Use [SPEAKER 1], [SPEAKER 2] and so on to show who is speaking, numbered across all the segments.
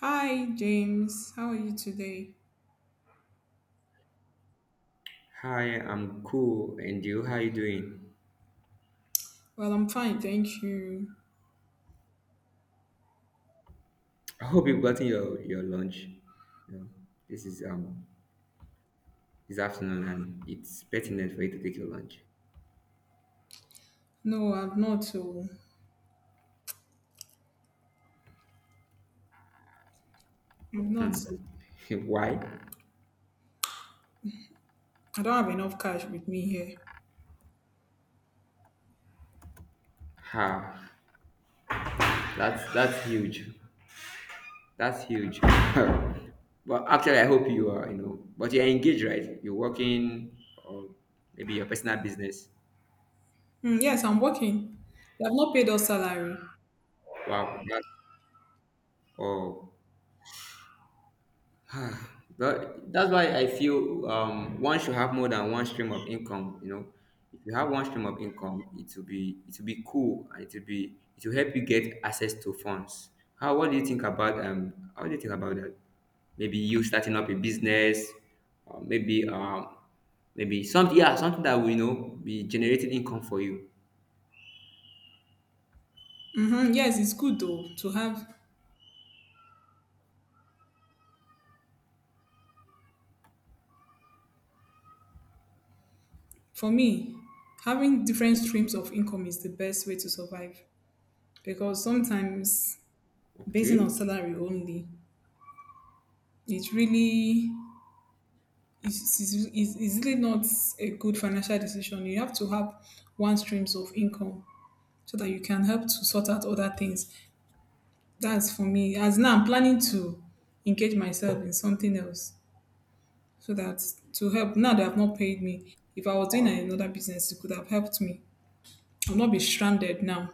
[SPEAKER 1] Hi, James. How are you today?
[SPEAKER 2] Hi, I'm cool. And you, how you doing?
[SPEAKER 1] Well, I'm fine, thank you.
[SPEAKER 2] I hope you've gotten your lunch. You know, this is um this afternoon and it's pertinent for you to take your lunch.
[SPEAKER 1] No, I've not. Oh, I've not. Oh,
[SPEAKER 2] Why?
[SPEAKER 1] I don't have enough cash with me here.
[SPEAKER 2] Ha, that's huge. That's huge. Well, actually, I hope you are, but you're engaged, right? You're working or maybe your personal business.
[SPEAKER 1] Mm, yes, I'm working. They have not paid us salary.
[SPEAKER 2] Wow, that's oh Ah, but that's why I feel one should have more than one stream of income. If you have one stream of income, it will be cool, and it will help you get access to funds. How do you think about that? Maybe you starting up a business, or maybe something that will be generating income for you.
[SPEAKER 1] Mm-hmm. Yes, it's good though to have. For me, having different streams of income is the best way to survive, because sometimes basing on
[SPEAKER 2] Okay,
[SPEAKER 1] salary only, it really is really not a good financial decision. You have to have one streams of income so that you can help to sort out other things. That's for me. As now I'm planning to engage myself in something else so that to help, now they have not paid me. If I was doing another business, it could have helped me. I'll not be stranded now.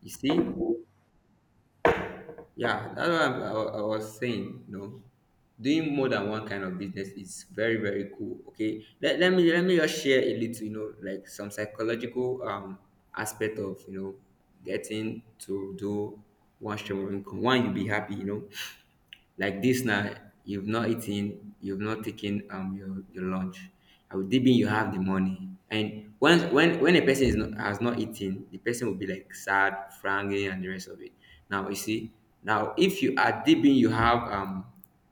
[SPEAKER 2] you see. Yeah, that's what I was saying. Doing more than one kind of business is very, very cool. Okay, let me just share a little, like some psychological aspect of getting to do one stream of income. One, you be happy, like this now, you've not eaten, you've not taken your lunch. I will deep in you have the money. And once when a person is not, has not eaten, the person will be like sad, frowning, and the rest of it. Now you see, now if you are deep in, you have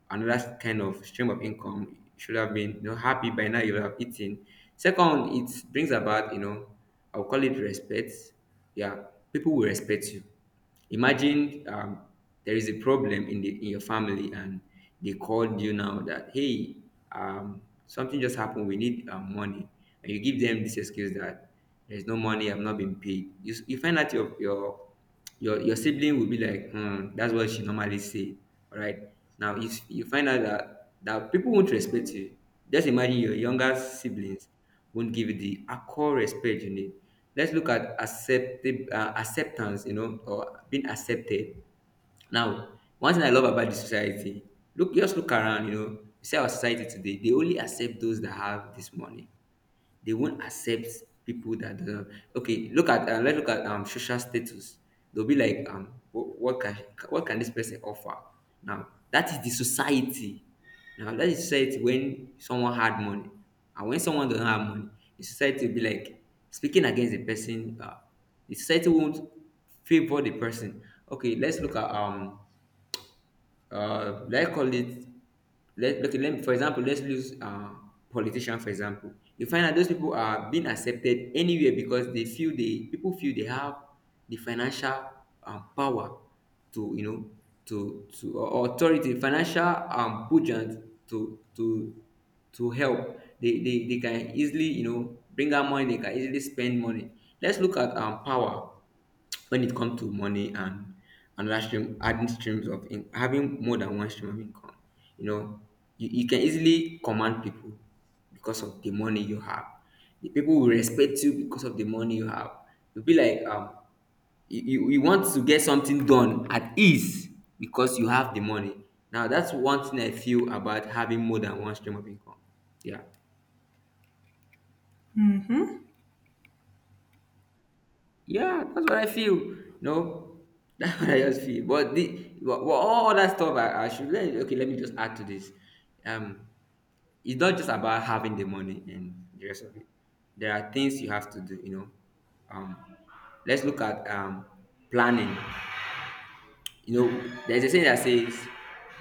[SPEAKER 2] another kind of stream of income. You should have been happy by now. You have eaten. Second, it brings about, I'll call it respect. Yeah, people will respect you. Imagine, there is a problem in the in your family, and they called you now that hey, um, something just happened. We need, money, and you give them this excuse that there's no money. I've not been paid. You find out your sibling will be like, hmm, that's what she normally say. All right. Now if you find out that people won't respect you, just imagine your younger siblings won't give you the accord respect you need. Let's look at acceptance, or being accepted. Now, one thing I love about the society, look, just look around, you see our society today, they only accept those that have this money. They won't accept people that, okay. Look at, let's look at social status. They'll be like wh- what can what can this person offer? Now that is the society. Now that is society when someone had money and when someone don't have money, the society will be like speaking against the person. The society won't favor the person. Okay, let's look at, let's call it, let okay, let me- for example let's use, politician for example. You find that those people are being accepted anywhere because they feel they people feel they have the financial, power, to or authority, financial, budget, to help they can easily, bring out money, they can easily spend money. Let's look at power. When it comes to money and another stream, adding streams of in, having more than one stream of income, you know, you can easily command people because of the money you have. The people will respect you because of the money you have. You'll be like, you want to get something done at ease because you have the money. Now, that's one thing I feel about having more than one stream of income. Yeah. Yeah, that's what I feel. No, that's what I just feel. But all that stuff I should, let me just add to this. Um, it's not just about having the money and the rest of it. There are things you have to do. Um, let's look at planning. There's a saying that says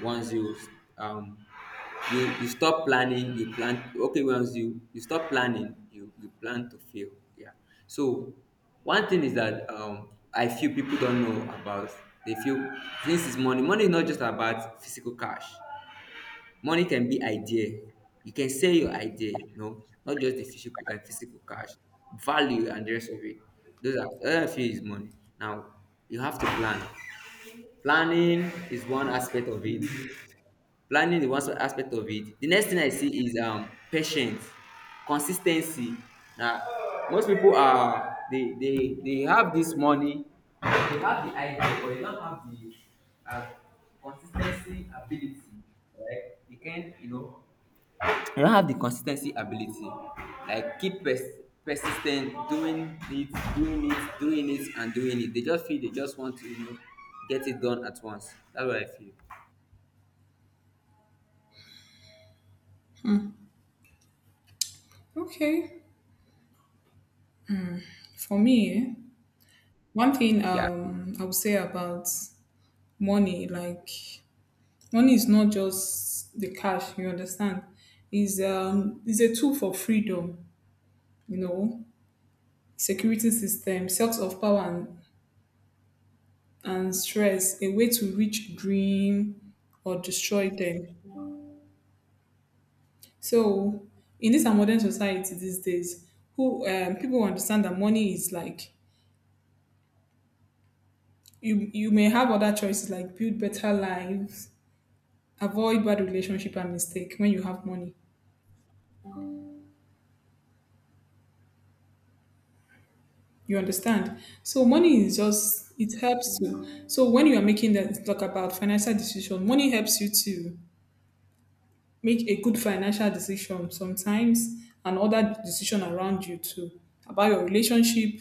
[SPEAKER 2] once you um you you stop planning, you plan okay, once you you stop planning, you plan to fail. Yeah. So one thing is that I feel people don't know about, they feel this is money. Money is not just about physical cash. Money can be idea. You can sell your idea, not just the physical cash, value, and the rest of it. Those are all I feel is money. Now you have to plan. Planning is one aspect of it. Planning is one aspect of it. The next thing I see is patience, consis ten cy. Na Most people are, they have this money, they have the idea but they don't have the um consis ten cy ability. Right? They can't, I don't have the consistency ability, like keep pers- persis doing it, doing it, doing it, and doing it. They just want to, get it done at once. That's what I feel.
[SPEAKER 1] Okay. For me, eh, one thing
[SPEAKER 2] Yeah.
[SPEAKER 1] I would say about money, like, money is not just the cash, you understand? Is a tool for freedom, you know, security system, source of power and stress, a way to reach dream or destroy them. So in this our modern society these days, who people understand that money is like, you may have other choices like build better lives, avoid bad relationship and mistake when you have money. You understand? So money is just it helps to, so when you are making that talk about financial decision, money helps you to make a good financial decision sometimes and other decision around you too, about your relationship,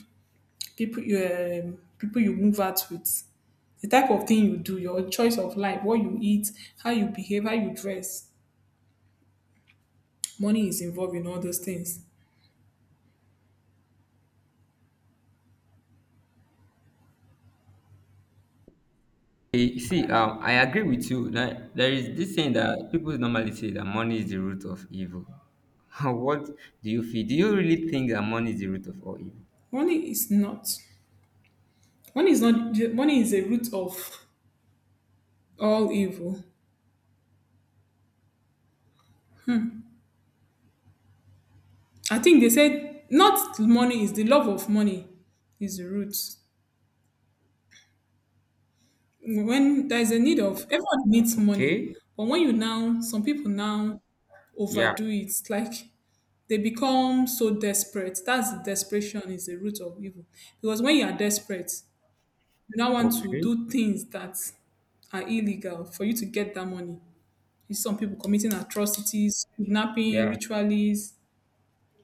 [SPEAKER 1] people you move out with, the type of thing you do, your choice of life, what you eat, how you behave, how you dress, money is involved in all those things.
[SPEAKER 2] You see, I agree with you that there is this saying that people normally say that money is the root of evil. What do you feel? Do you really think that money is the root of all evil?
[SPEAKER 1] Money is not money is not money is a root of all evil. I think they said not money is the love of money is the root. When there's a need, of everyone needs money,
[SPEAKER 2] Okay.
[SPEAKER 1] but when you now, some people now
[SPEAKER 2] Yeah.
[SPEAKER 1] overdo it, like they become so desperate, that's desperation is the root of evil. Because when you are desperate, you now want to
[SPEAKER 2] Okay.
[SPEAKER 1] do things that are illegal for you to get that money. You see some people committing atrocities, kidnapping,
[SPEAKER 2] Yeah.
[SPEAKER 1] rituals,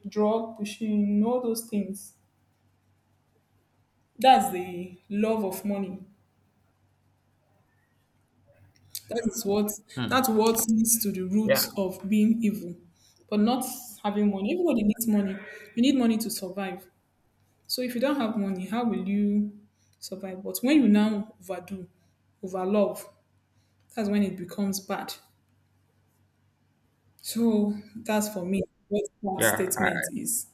[SPEAKER 1] drug pushing, all those things, that's the love of money. That is what,
[SPEAKER 2] Hmm.
[SPEAKER 1] that's what leads to the root
[SPEAKER 2] Yeah.
[SPEAKER 1] of being evil. But not having money. Everybody needs money. You need money to survive. So if you don't have money, how will you survive? But when you now overdo, overlove, that's when it becomes bad. So that's for me what that
[SPEAKER 2] Yeah.
[SPEAKER 1] statement is.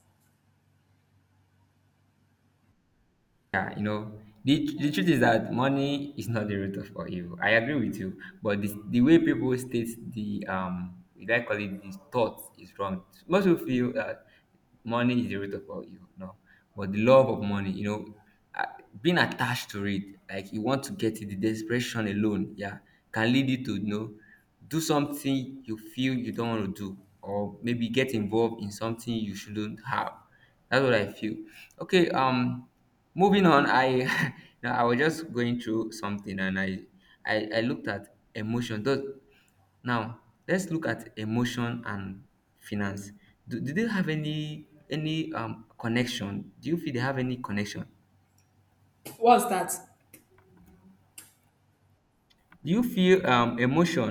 [SPEAKER 2] Yeah, the truth is that money is not the root of all evil. I agree with you, but the way people state the we like call it the thought is wrong. Most people feel that money is the root of all evil. No, but the love of money, uh, being attached to it, like you want to get it, the desperation alone, yeah, can lead you to, do something you feel you don't want to do, or maybe get involved in something you shouldn't have. That's what I feel. Okay, moving on. I now I was just going through something, and I looked at emotion. Does, now let's look at emotion and finance. Do they have any connection? Do you feel they have any connection?
[SPEAKER 1] What's that?
[SPEAKER 2] Do you feel emotion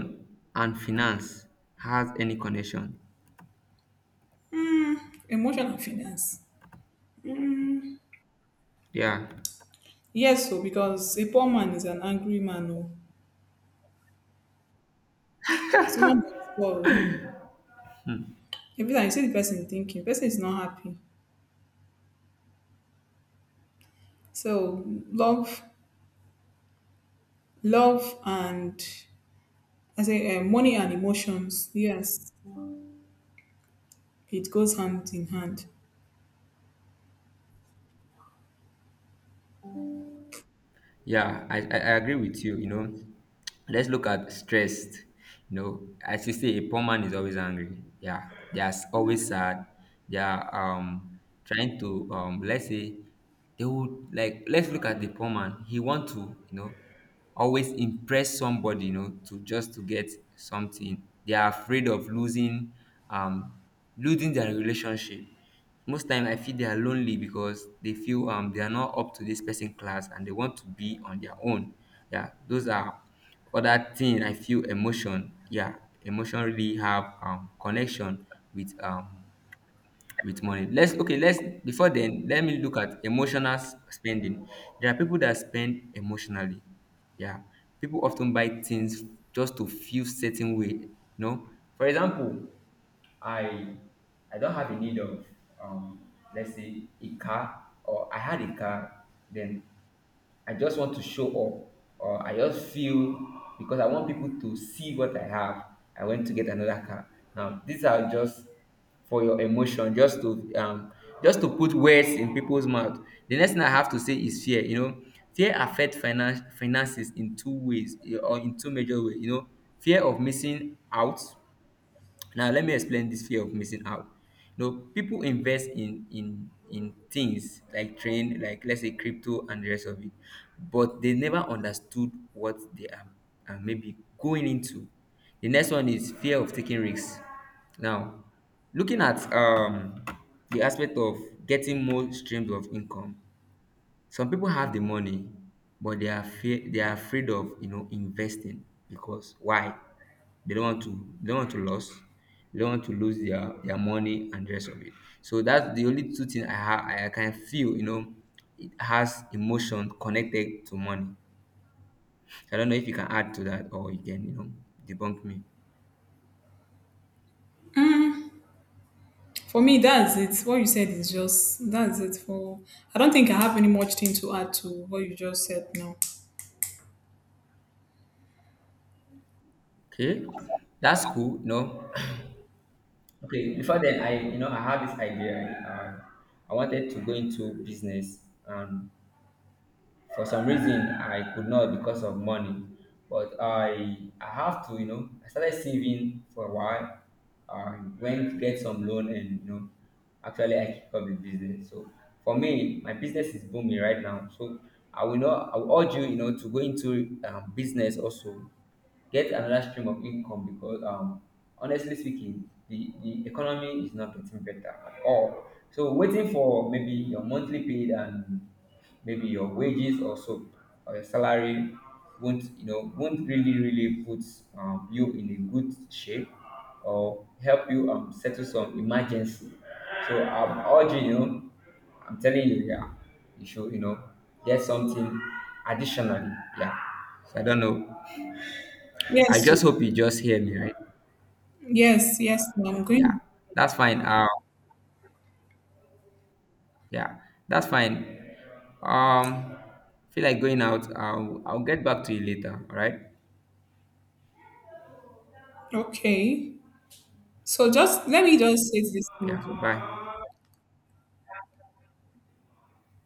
[SPEAKER 2] and finance has any connection?
[SPEAKER 1] Mm, emotional finance. Mm,
[SPEAKER 2] Yeah.
[SPEAKER 1] yes, so because a poor man is an angry man. Oh. Someone that's poor. Hmm. Every time you see the person thinking, person is not happy. So love, love, and I say money and emotions. Yes, it goes hand in hand.
[SPEAKER 2] Yeah, I agree with you. Let's look at stressed. As you say, a poor man is always angry. Yeah, they are always sad. They are trying to, let's say, they would like, let's look at the poor man. He want to, you know always impress somebody. To just to get something. They are afraid of um losing their relationship. Most time I feel they are lonely because they feel they are not up to this person class and they want to be on their own. Yeah, those are other thing I feel. Emotion, yeah, emotion really have connection with with money. Let's okay let's Before then, let me look at emotional spending. There are people that spend emotionally. Yeah, people often buy things just to feel certain way, for example, I I don't have a need of, let's say, a car, or I had a car, then I just want to show up, or I just feel, because I want people to see what I have. I went to get another car. Now these are just for your emotion, just to, put words in people's mouth. The next thing I have to say is fear. Fear affects finances in two ways, or in two major ways. Fear of missing out. Now let me explain this fear of missing out. People invest in things like train, like, let's say, crypto and the rest of it, but they never understood what they are maybe going into. The next one is fear of taking risks. Now, looking at the aspect of getting more streams of income, some people have the money, but they are afraid of, investing. Because why? They don't want to lose, they don't want to lose their money and the rest of it. So that's the only two things I can feel, it has emotion connected to money. So I don't know if you can add to that or you can, debunk me.
[SPEAKER 1] For me, that's it. What you said is just that's it. For, I don't think I have any much thing to add to what you just said now.
[SPEAKER 2] Okay, that's cool. Okay. Before then, I you know I had this idea. I wanted to go into business, and for some reason I could not because of money, but I have to you know I started saving for a while. I went to get some loan, and, actually I kick up the business. So for me, my business is booming right now. So I will not I will urge you, you know to go into, business also, get another stream of income, because honestly speaking, the economy is not getting better at all. So waiting for maybe your monthly paid and maybe your wages or so, or your salary won't really really put, you in a good shape, or help you, settle some emergency. So I'm urging you, I'm telling you, yeah, you should, get something additionally. Yeah. So I don't know. I
[SPEAKER 1] Yes, so-
[SPEAKER 2] just hope you just hear me right.
[SPEAKER 1] yes, yes, I'm
[SPEAKER 2] Yeah,
[SPEAKER 1] going.
[SPEAKER 2] that's fine. Yeah, that's fine. um feel like going out. I'll get back to you later, all right?
[SPEAKER 1] Okay. So just let me just say this thing.
[SPEAKER 2] Yeah,
[SPEAKER 1] Too.
[SPEAKER 2] bye.